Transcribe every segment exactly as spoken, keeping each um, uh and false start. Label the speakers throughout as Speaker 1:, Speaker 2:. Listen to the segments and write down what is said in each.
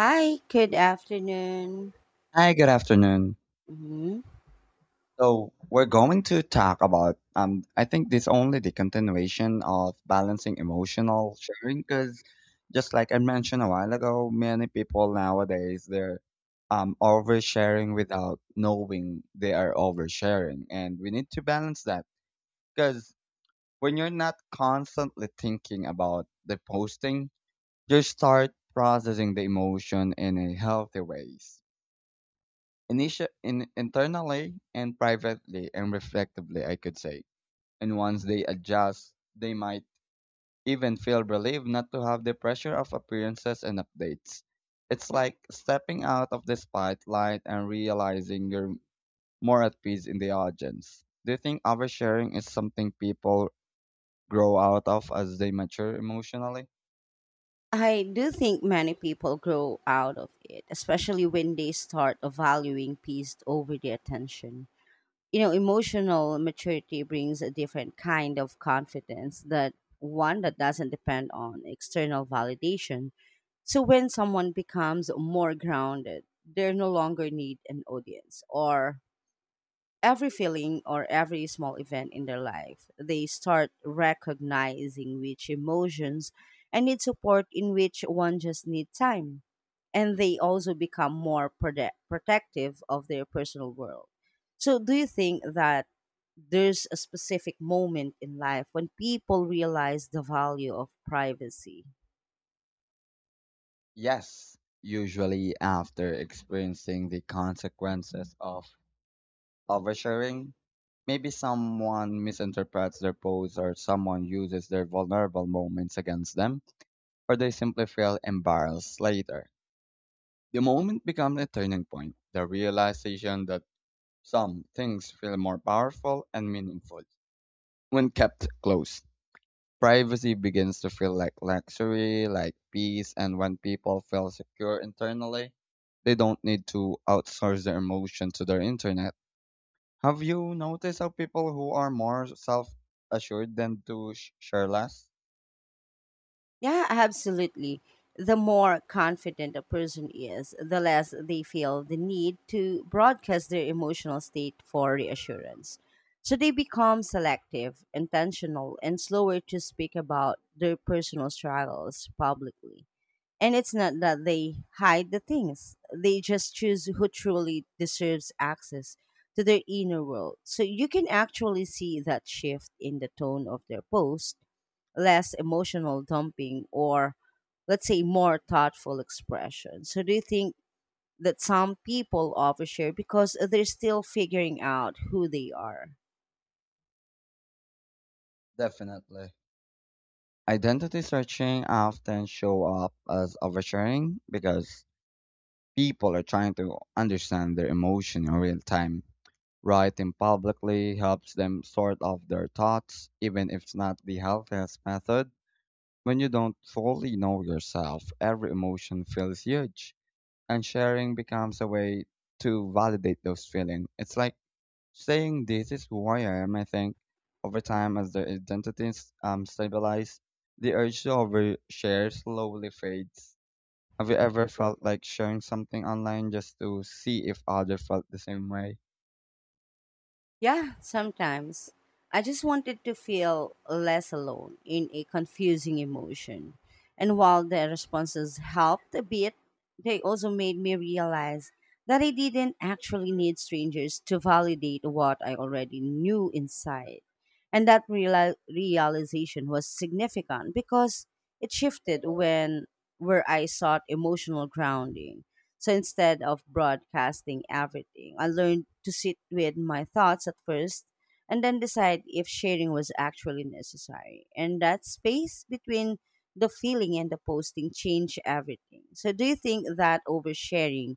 Speaker 1: Hi, good afternoon.
Speaker 2: Hi, good afternoon.
Speaker 1: Mhm.
Speaker 2: So we're going to talk about um I think this only the continuation of balancing emotional sharing because just like I mentioned a while ago, many people nowadays they're um oversharing without knowing they are oversharing, and we need to balance that because when you're not constantly thinking about the posting, you start processing the emotion in a healthy ways Initi in, internally and privately and reflectively, I could say. And once they adjust, they might even feel relieved not to have the pressure of appearances and updates. It's like stepping out of the spotlight and realizing you're more at peace in the audience. Do you think oversharing is something people grow out of as they mature emotionally?
Speaker 1: I do think many people grow out of it, especially when they start valuing peace over their attention. You know, emotional maturity brings a different kind of confidence that one that doesn't depend on external validation. So when someone becomes more grounded, they no longer need an audience or every feeling or every small event in their life. They start recognizing which emotions and need support in which one just need time. And they also become more prote- protective of their personal world. So, do you think that there's a specific moment in life when people realize the value of privacy?
Speaker 2: Yes, usually after experiencing the consequences of oversharing. Maybe someone misinterprets their posts or someone uses their vulnerable moments against them, or they simply feel embarrassed later. The moment becomes a turning point, the realization that some things feel more powerful and meaningful when kept close. Privacy begins to feel like luxury, like peace, and when people feel secure internally, they don't need to outsource their emotion to their internet. Have you noticed how people who are more self assured tend to sh- share less?
Speaker 1: Yeah, absolutely. The more confident a person is, the less they feel the need to broadcast their emotional state for reassurance. So they become selective, intentional, and slower to speak about their personal struggles publicly. And it's not that they hide the things, they just choose who truly deserves access to their inner world. So you can actually see that shift in the tone of their post less emotional dumping or let's say more thoughtful expression. So do you think that some people overshare because they're still figuring out who they are?
Speaker 2: Definitely. Identity searching often show up as oversharing because people are trying to understand their emotion in real time. Writing publicly helps them sort out their thoughts, even if it's not the healthiest method. When you don't fully know yourself, every emotion feels huge, and sharing becomes a way to validate those feelings. It's like saying this is who I am, I think, over time as their identities um, stabilize, the urge to overshare slowly fades. Have you ever felt like sharing something online just to see if others felt the same way?
Speaker 1: Yeah, sometimes. I just wanted to feel less alone in a confusing emotion. And while the responses helped a bit, they also made me realize that I didn't actually need strangers to validate what I already knew inside. And that reali- realization was significant because it shifted when where I sought emotional grounding. So instead of broadcasting everything, I learned to sit with my thoughts at first and then decide if sharing was actually necessary. And that space between the feeling and the posting changed everything. So, do you think that oversharing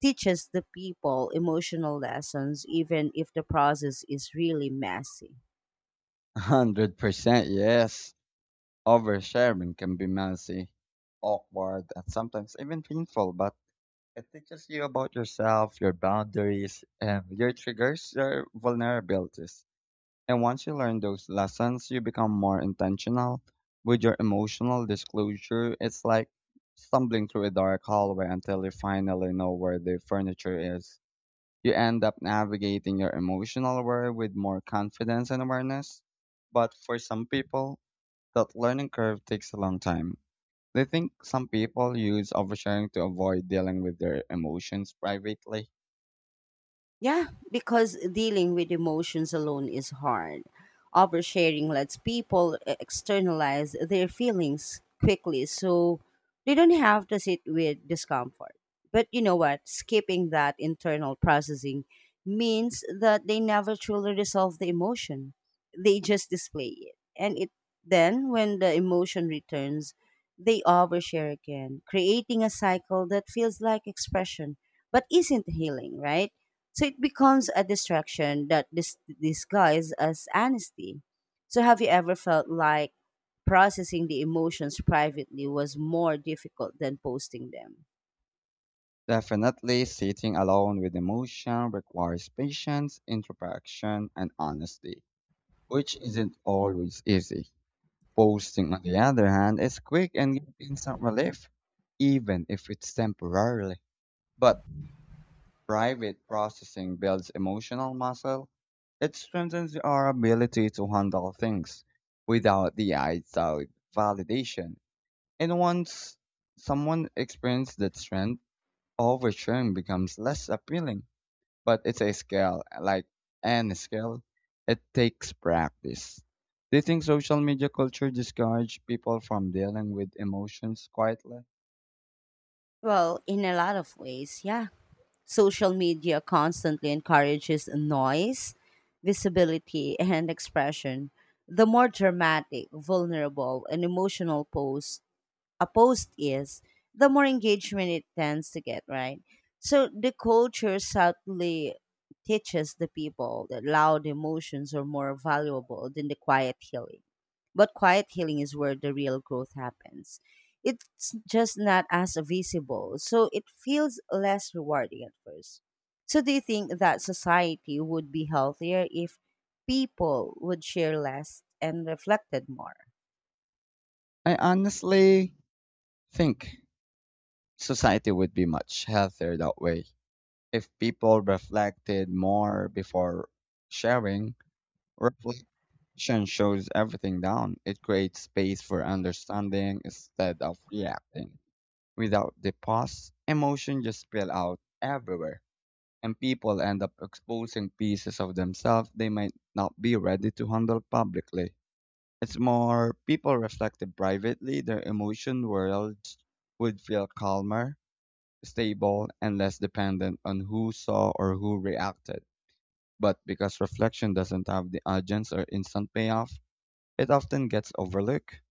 Speaker 1: teaches the people emotional lessons, even if the process is really messy?
Speaker 2: one hundred percent yes. Oversharing can be messy, awkward, and sometimes even painful, but it teaches you about yourself, your boundaries, and your triggers, your vulnerabilities. And once you learn those lessons, you become more intentional with your emotional disclosure. It's like stumbling through a dark hallway until you finally know where the furniture is. You end up navigating your emotional world with more confidence and awareness. But for some people, that learning curve takes a long time. They think some people use oversharing to avoid dealing with their emotions privately.
Speaker 1: Yeah, because dealing with emotions alone is hard. Oversharing lets people e- externalize their feelings quickly so they don't have to sit with discomfort. But you know what? Skipping that internal processing means that they never truly resolve the emotion. They just display it. And it then when the emotion returns, they overshare again, creating a cycle that feels like expression but isn't healing, right? So it becomes a distraction that dis- disguised as honesty. So have you ever felt like processing the emotions privately was more difficult than posting them?
Speaker 2: Definitely, sitting alone with emotion requires patience, introspection, and honesty, which isn't always easy. Posting, on the other hand, is quick and gives instant relief, even if it's temporarily. But private processing builds emotional muscle. It strengthens our ability to handle things without the outside validation. And once someone experiences that strength, oversharing becomes less appealing, but it's a skill, like any skill. It takes practice. Do you think social media culture discourage people from dealing with emotions quietly?
Speaker 1: Well, in a lot of ways, yeah. Social media constantly encourages noise, visibility, and expression. The more dramatic, vulnerable, and emotional posts a post is, the more engagement it tends to get, right? So the culture subtly teaches the people that loud emotions are more valuable than the quiet healing. But quiet healing is where the real growth happens. It's just not as visible, so it feels less rewarding at first. So, do you think that society would be healthier if people would share less and reflected more?
Speaker 2: I honestly think society would be much healthier that way. If people reflected more before sharing, reflection shows everything down. It creates space for understanding instead of reacting. Without the pause, emotion just spill out everywhere, and people end up exposing pieces of themselves they might not be ready to handle publicly. It's more people reflected privately, their emotion worlds would feel calmer, stable, and less dependent on who saw or who reacted. But because reflection doesn't have the urgency or instant payoff, it often gets overlooked.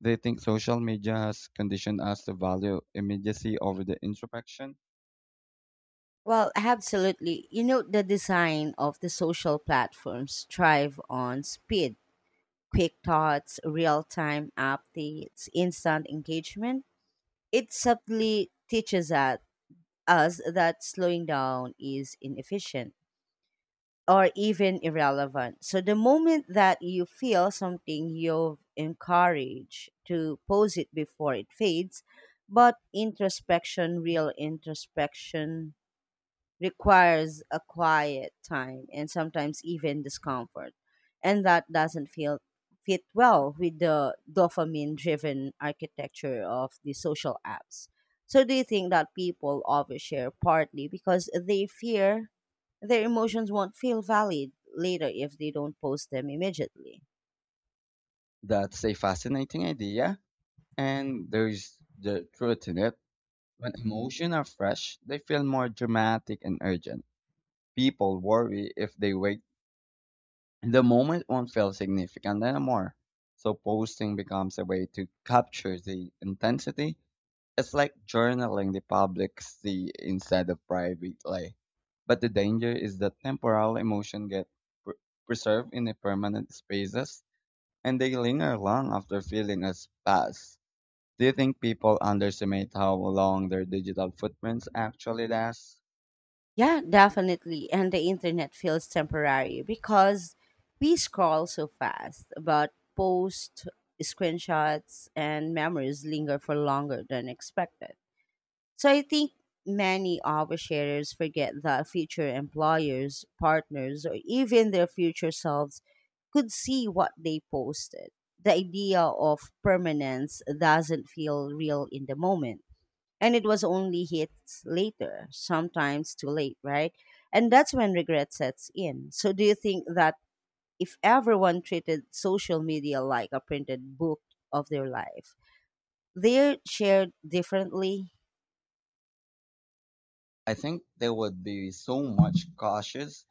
Speaker 2: They think social media has conditioned us to value immediacy over the introspection.
Speaker 1: Well, absolutely. You know, the design of the social platforms thrive on speed, quick thoughts, real time updates, instant engagement. It subtly teaches at- us that slowing down is inefficient or even irrelevant. So, the moment that you feel something, you've encouraged to pose it before it fades. But introspection, real introspection, requires a quiet time and sometimes even discomfort. And that doesn't feel fit well with the dopamine driven architecture of the social apps. So do you think that people overshare partly because they fear their emotions won't feel valid later if they don't post them immediately?
Speaker 2: That's a fascinating idea, and there's the truth in it. When emotions are fresh, they feel more dramatic and urgent. People worry if they wait, the moment won't feel significant anymore. So posting becomes a way to capture the intensity. It's like journaling the publicly instead of privately. But the danger is that temporal emotion get pr- preserved in the permanent spaces and they linger long after feeling has passed. Do you think people underestimate how long their digital footprints actually last?
Speaker 1: Yeah, definitely. And the internet feels temporary because we scroll so fast, but posts, screenshots, and memories linger for longer than expected. So I think many oversharers forget that future employers, partners, or even their future selves could see what they posted. The idea of permanence doesn't feel real in the moment and it was only hits later, sometimes too late, right? And that's when regret sets in. So, do you think that if everyone treated social media like a printed book of their life, they're shared differently?
Speaker 2: I think they would be so much cautious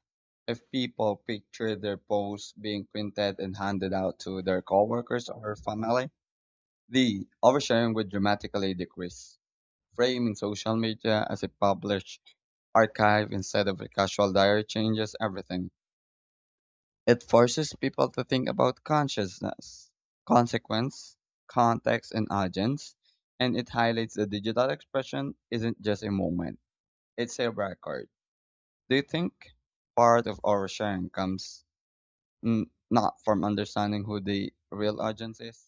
Speaker 2: if people picture their posts being printed and handed out to their coworkers or family. The oversharing would dramatically decrease, framing social media as a published archive instead of a casual diary changes everything. It forces people to think about consciousness, consequence, context, and audience, and it highlights the digital expression isn't just a moment, it's a record. Do you think part of our sharing comes mm, not from understanding who the real audience is?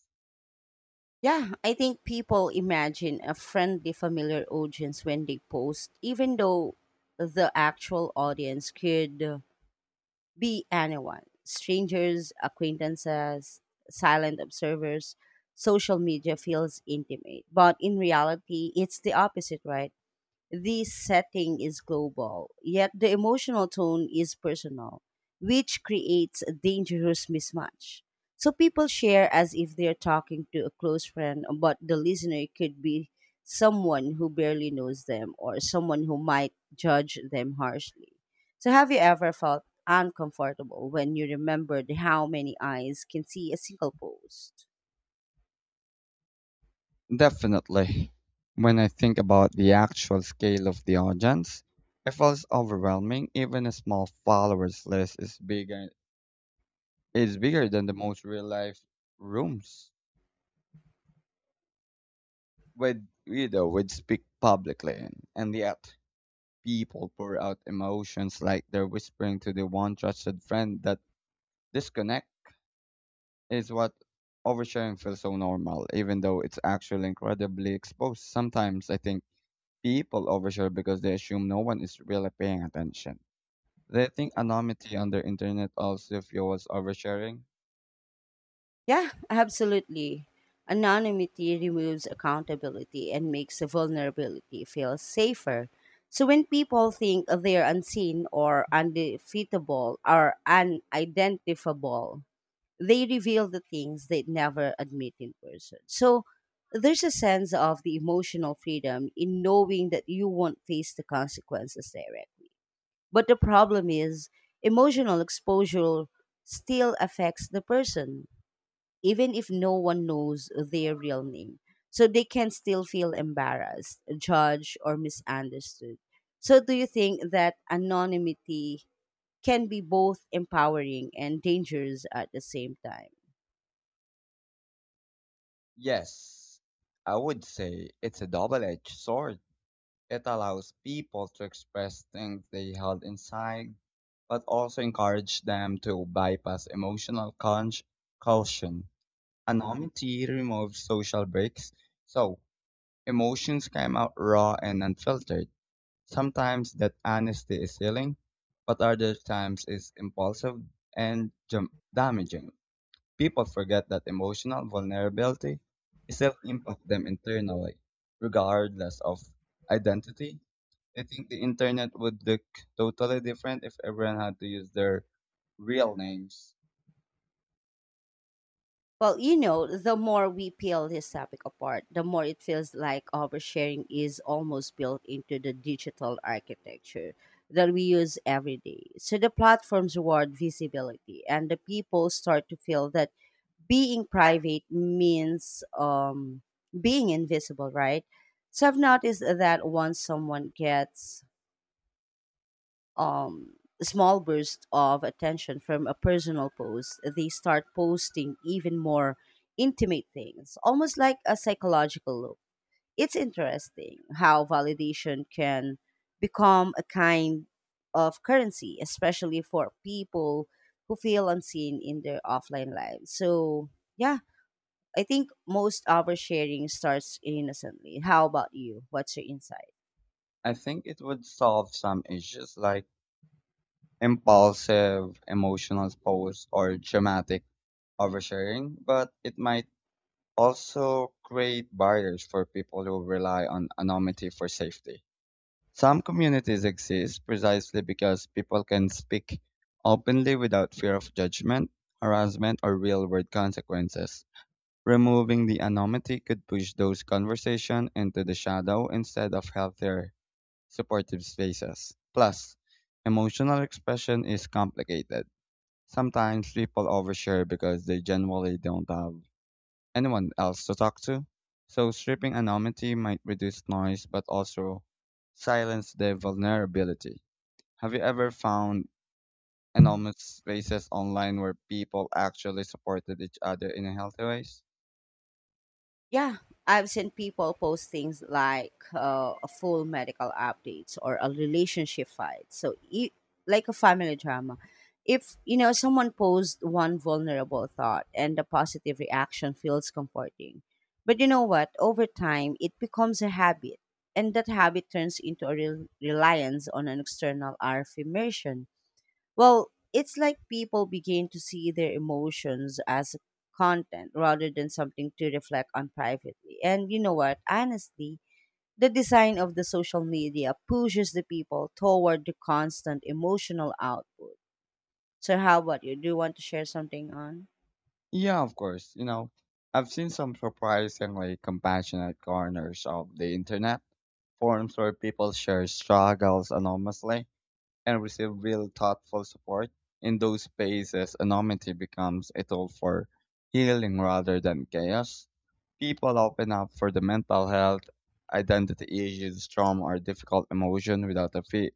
Speaker 1: Yeah, I think people imagine a friendly, familiar audience when they post, even though the actual audience could be anyone strangers, acquaintances, silent observers. Social media feels intimate, but in reality, it's the opposite, right? The setting is global, yet the emotional tone is personal, which creates a dangerous mismatch. So people share as if they're talking to a close friend, but the listener could be someone who barely knows them or someone who might judge them harshly. So, have you ever felt uncomfortable when you remembered how many eyes can see a single post?
Speaker 2: Definitely. When I think about the actual scale of the audience, it feels overwhelming. Even a small followers list is bigger is bigger than the most real life rooms. With Guido would speak publicly, and yet people pour out emotions like they're whispering to the one trusted friend. That disconnect is what oversharing feels so normal, even though it's actually incredibly exposed. Sometimes I think people overshare because they assume no one is really paying attention. They think anonymity on the internet also fuels oversharing.
Speaker 1: Yeah, absolutely. Anonymity removes accountability and makes vulnerability feel safer. So when people think they're unseen or undefeatable or unidentifiable, they reveal the things they'd never admit in person. So there's a sense of the emotional freedom in knowing that you won't face the consequences directly. But the problem is emotional exposure still affects the person even if no one knows their real name. So they can still feel embarrassed, judged, or misunderstood. So, do you think that anonymity can be both empowering and dangerous at the same time?
Speaker 2: Yes, I would say it's a double-edged sword. It allows people to express things they held inside, but also encourage them to bypass emotional conj- caution. Anonymity removes social breaks, so emotions come out raw and unfiltered. Sometimes that honesty is healing, but other times it's impulsive and jam- damaging. People forget that emotional vulnerability itself impacts them internally, regardless of identity. I think the internet would look totally different if everyone had to use their real names.
Speaker 1: Well, you know, the more we peel this topic apart, the more it feels like oversharing is almost built into the digital architecture that we use every day. So the platforms reward visibility, and the people start to feel that being private means um, being invisible, right? So I've noticed that once someone gets um, a small burst of attention from a personal post, they start posting even more intimate things, almost like a psychological loop. It's interesting how validation can become a kind of currency, especially for people who feel unseen in their offline lives. So, yeah, I think most oversharing starts innocently. How about you? What's your insight?
Speaker 2: I think it would solve some issues like impulsive emotional posts or dramatic oversharing, but it might also create barriers for people who rely on anonymity for safety. Some communities exist precisely because people can speak openly without fear of judgment, harassment, or real world consequences. Removing the anonymity could push those conversations into the shadow instead of healthier, supportive spaces. Plus, emotional expression is complicated. Sometimes people overshare because they generally don't have anyone else to talk to. So stripping anonymity might reduce noise but also silence the vulnerability. Have you ever found anonymous spaces online where people actually supported each other in a healthy ways?
Speaker 1: Yeah, I've seen people post things like uh, a full medical updates or a relationship fight. So, i- like a family drama. If you know someone posts one vulnerable thought and the positive reaction feels comforting, but you know what? Over time, it becomes a habit, and that habit turns into a rel reliance on an external affirmation. Well, it's like people begin to see their emotions as content rather than something to reflect on privately. And you know what? Honestly, the design of the social media pushes the people toward the constant emotional output. So, how about you? Do you want to share something on?
Speaker 2: Yeah, of course. You know, I've seen some surprisingly compassionate corners of the internet, forums where people share struggles anonymously and receive real thoughtful support. In those spaces, anonymity becomes a tool for healing rather than chaos. People open up for the mental health, identity issues, trauma, or difficult emotion without a fe-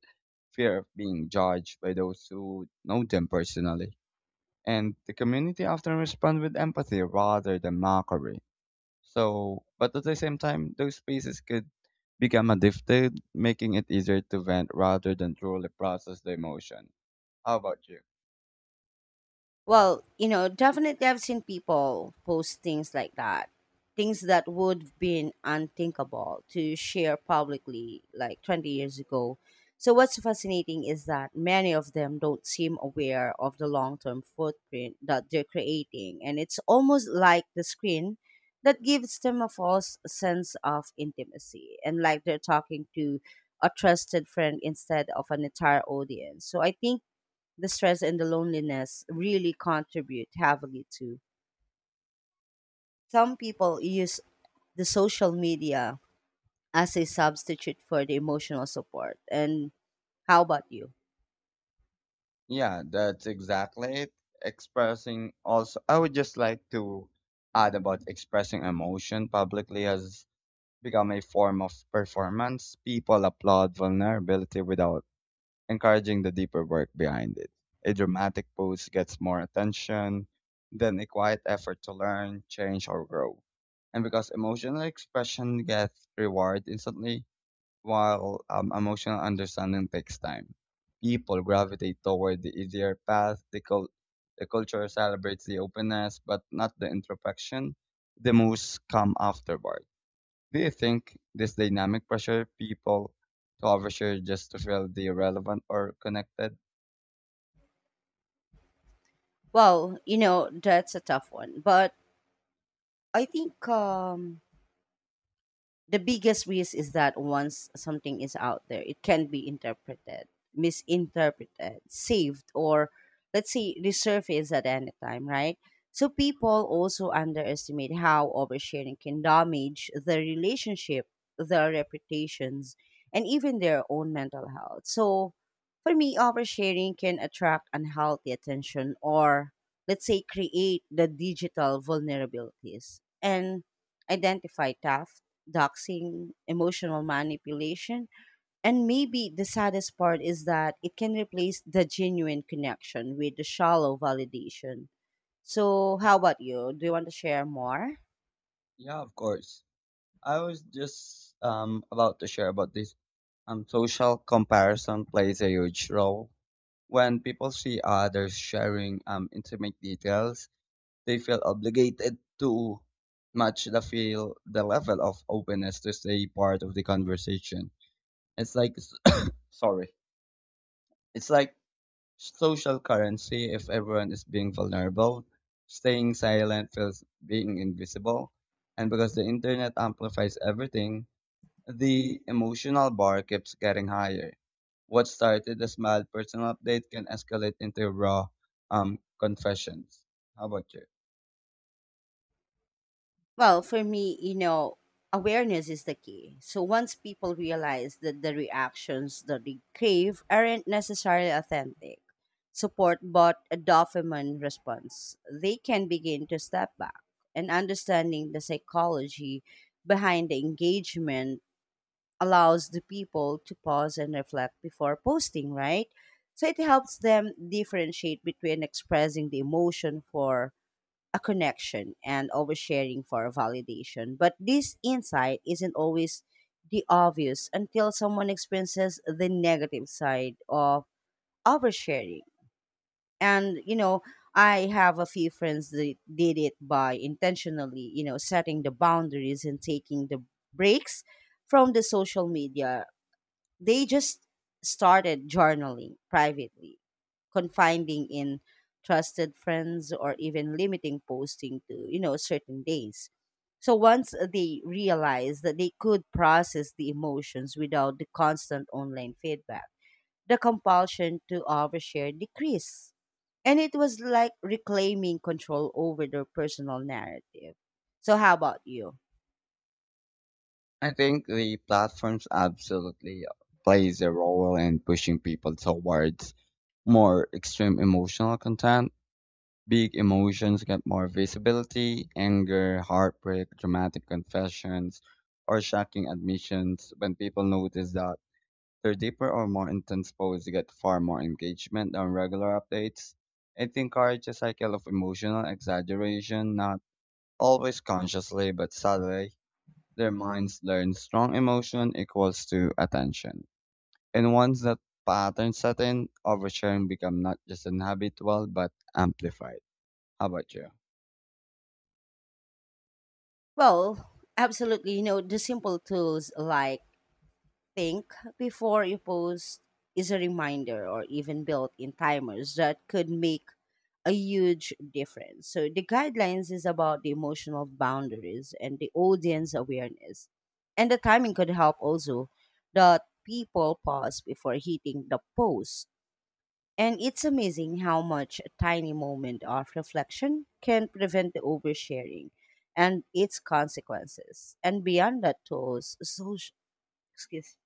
Speaker 2: fear of being judged by those who know them personally. And the community often responds with empathy rather than mockery. So, but at the same time, those spaces could become addicted, making it easier to vent rather than truly process the emotion. How about you?
Speaker 1: Well, you know, definitely I've seen people post things like that. Things that would have been unthinkable to share publicly like twenty years ago. So, what's fascinating is that many of them don't seem aware of the long term footprint that they're creating. And it's almost like the screen that gives them a false sense of intimacy and like they're talking to a trusted friend instead of an entire audience. So, I think the stress and the loneliness really contribute heavily to. Some people use the social media as a substitute for the emotional support. And how about you?
Speaker 2: Yeah, that's exactly it. Expressing also, I would just like to add about expressing emotion publicly has become a form of performance. People applaud vulnerability without encouraging the deeper work behind it. A dramatic post gets more attention than a quiet effort to learn, change, or grow. And because emotional expression gets reward instantly, while um, emotional understanding takes time, people gravitate toward the easier path. The, cul- the culture celebrates the openness, but not the introspection. The most come afterward. Do you think this dynamic pressure people to overshare just to feel the relevant or connected?
Speaker 1: Well, you know, that's a tough one. But I think um, the biggest risk is that once something is out there, it can be interpreted, misinterpreted, saved, or let's say resurfaced at any time, right? So people also underestimate how oversharing can damage their relationship, their reputations, and even their own mental health. So for me, oversharing can attract unhealthy attention or let's say create the digital vulnerabilities and identify tough doxing, emotional manipulation. And maybe the saddest part is that it can replace the genuine connection with the shallow validation. So, how about you? Do you want to share more?
Speaker 2: Yeah, of course. I was just um about to share about this. Um, social comparison plays a huge role. When people see others sharing um intimate details, they feel obligated to match the feel the level of openness to stay part of the conversation. It's like sorry. It's like social currency if everyone is being vulnerable. Staying silent feels being invisible. And because the internet amplifies everything, the emotional bar keeps getting higher. What started as mild personal update can escalate into raw um, confessions. How about you?
Speaker 1: Well, for me, you know, awareness is the key. So once people realize that the reactions that they crave aren't necessarily authentic, support but a dopamine response, they can begin to step back. And understanding the psychology behind the engagement allows the people to pause and reflect before posting, right? So it helps them differentiate between expressing the emotion for a connection and always sharing for a validation. But this insight isn't always the obvious until someone experiences the negative side of oversharing. And, you know, I have a few friends that did it by intentionally, you know, setting the boundaries and taking the breaks from the social media they just started journaling privately, confiding in trusted friends or even limiting posting to, you know, certain days. So once they realized that they could process the emotions without the constant online feedback, the compulsion to overshare decreased. And it was like reclaiming control over their personal narrative. So, how about you?
Speaker 2: I think the platforms absolutely plays a role in pushing people towards more extreme emotional content. Big emotions get more visibility anger, heartbreak, dramatic confessions, or shocking admissions. When people notice that their deeper or more intense posts get far more engagement than regular updates, it encourages a cycle of emotional exaggeration, not always consciously but subtly. Their minds learn strong emotion equals to attention. And once that pattern set in, oversharing becomes not just inhabitual but amplified. How about you?
Speaker 1: Well, absolutely. You know, the simple tools like think before you post is a reminder or even built in timers that could make a huge difference. So the guidelines is about the emotional boundaries and the audience awareness. And the timing could help also that people pause before hitting the post. And it's amazing how much a tiny moment of reflection can prevent the oversharing and its consequences. And beyond that tools, social excuse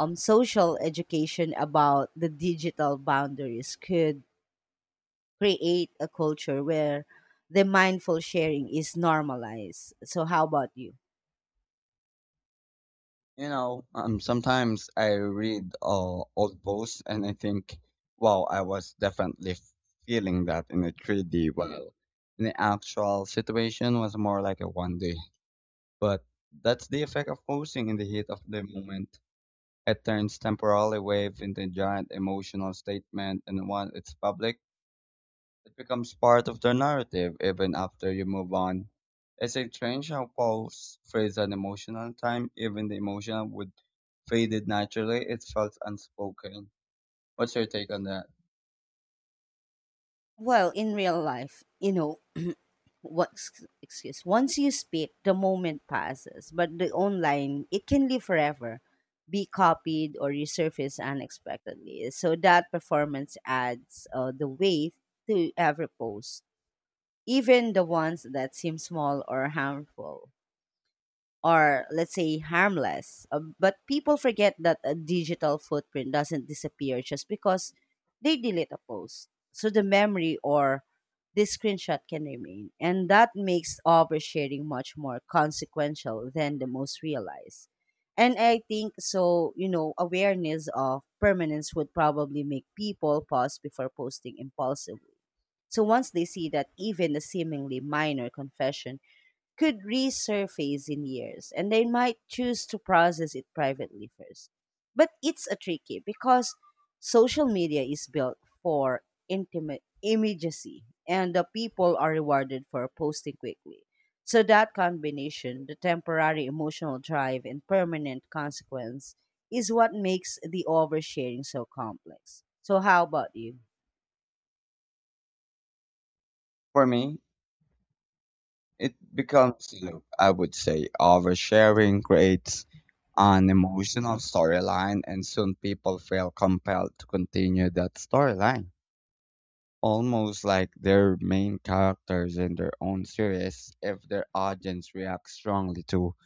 Speaker 1: um, social education about the digital boundaries could create a culture where the mindful sharing is normalized. So, how about you?
Speaker 2: You know, um, sometimes I read uh, old posts and I think, wow, I was definitely feeling that in a three D, while in the actual situation was more like a one D. But that's the effect of posting in the heat of the moment. It turns temporary wave into a giant emotional statement, and once it's public, it becomes part of the narrative even after you move on. It's strange how Paul's phrase an emotional time, even the emotional would faded naturally, it felt unspoken. What's your take on that?
Speaker 1: Well, in real life, you know, what excuse once you speak the moment passes, but the online it can live forever, be copied or resurface unexpectedly, so that performance adds uh, the weight to every post, even the ones that seem small or harmful, or let's say harmless. Uh, but people forget that a digital footprint doesn't disappear just because they delete a post. So the memory or this screenshot can remain. And that makes oversharing much more consequential than the most realize. And I think so, you know, awareness of permanence would probably make people pause before posting impulsively. So once they see that even a seemingly minor confession could resurface in years, and they might choose to process it privately first. But it's a tricky because social media is built for intimate immediacy and the people are rewarded for posting quickly. So that combination, the temporary emotional drive and permanent consequence, is what makes the oversharing so complex. So how about you?
Speaker 2: For me, it becomes loop, I would say, oversharing creates an emotional storyline and soon people feel compelled to continue that storyline. Almost like they're main characters in their own series if their audience reacts strongly to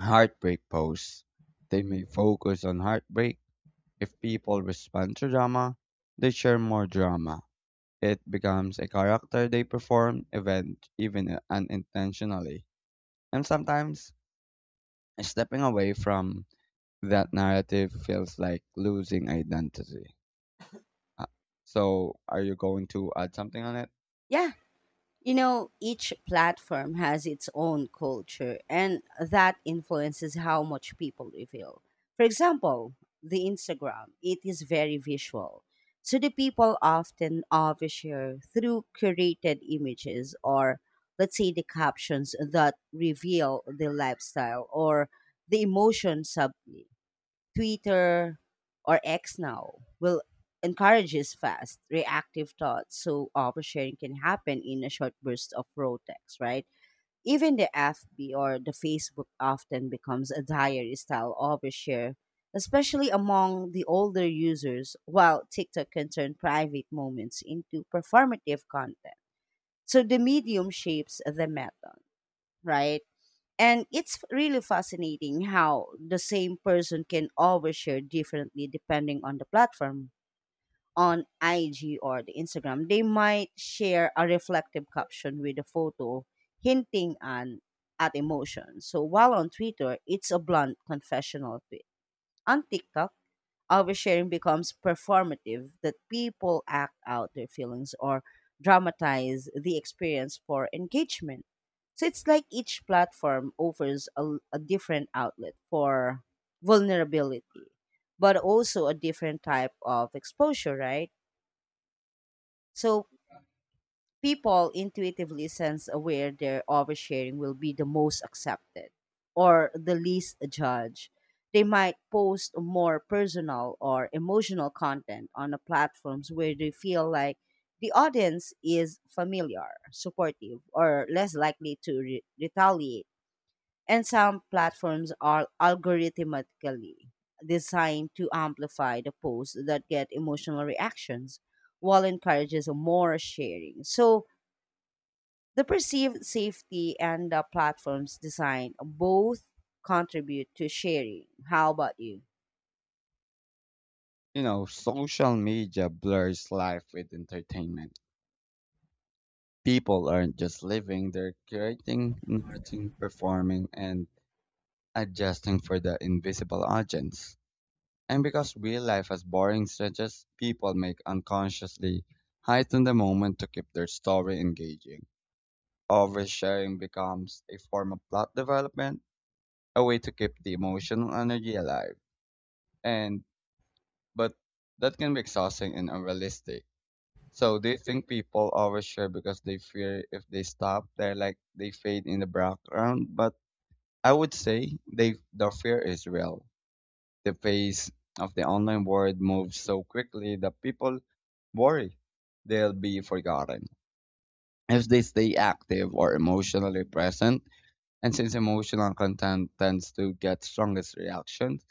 Speaker 2: heartbreak posts. They may focus on heartbreak. If people respond to drama, they share more drama. It becomes a character they perform event even unintentionally. And sometimes stepping away from that narrative feels like losing identity. Uh, So, are you going to add something on it?
Speaker 1: Yeah, you know, each platform has its own culture, and that influences how much people reveal. For example, the Instagram, it is very visual. So the people often overshare through curated images, or let's say the captions that reveal the lifestyle or the emotion sub Twitter or X now will encourages fast, reactive thoughts, so oversharing can happen in a short burst of raw text, right? Even the F B or the Facebook often becomes a diary style overshare, especially among the older users, while TikTok can turn private moments into performative content. So the medium shapes the method, right? And it's really fascinating how the same person can overshare differently depending on the platform. On I G or the Instagram, they might share a reflective caption with a photo hinting an, at emotion. So while on Twitter, it's a blunt confessional tweet. On TikTok, oversharing becomes performative, that people act out their feelings or dramatize the experience for engagement. So it's like each platform offers a, a different outlet for vulnerability, but also a different type of exposure, right? So people intuitively sense where their oversharing will be the most accepted or the least judged. They might post more personal or emotional content on the platforms where they feel like the audience is familiar, supportive, or less likely to re- retaliate. And some platforms are algorithmically designed to amplify the posts that get emotional reactions while encourages more sharing. So the perceived safety and the platform's design both contribute to sharing. How about you?
Speaker 2: You know, social media blurs life with entertainment people aren't just living, they're creating, narrating, performing, and adjusting for the invisible audience. And because real life has boring stretches, people make unconsciously heighten the moment to keep their story engaging. Oversharing becomes a form of plot development, a way to keep the emotional energy alive. And but that can be exhausting and unrealistic. So do you think people overshare because they fear if they stop, they're like they fade in the background? But I would say they the fear is real. The pace of the online world moves so quickly that people worry they'll be forgotten if they stay active or emotionally present. And since emotional content tends to get strongest reactions,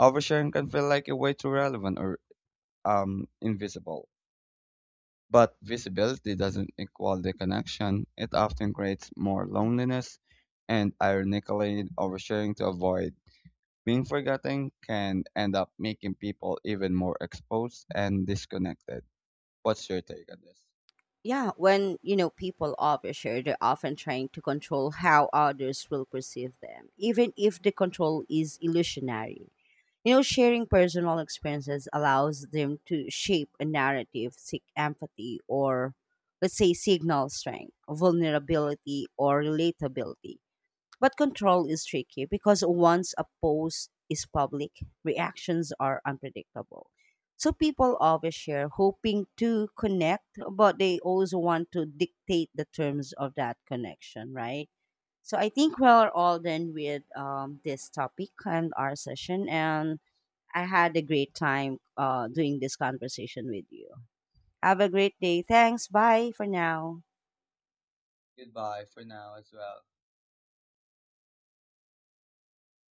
Speaker 2: oversharing can feel like a way too relevant or um, invisible. But visibility doesn't equal the connection. It often creates more loneliness and ironically oversharing to avoid being forgotten can end up making people even more exposed and disconnected. What's your take on this?
Speaker 1: Yeah, when you know people overshare, they're often trying to control how others will perceive them, even if the control is illusionary. You know, sharing personal experiences allows them to shape a narrative, seek empathy, or let's say signal strength, vulnerability, or relatability. But control is tricky because once a post is public, reactions are unpredictable. So people overshare, hoping to connect, but they also want to dictate the terms of that connection, right? So I think we're all done with um, this topic and our session. And I had a great time uh, doing this conversation with you. Have a great day. Thanks. Bye for now.
Speaker 2: Goodbye for now as well.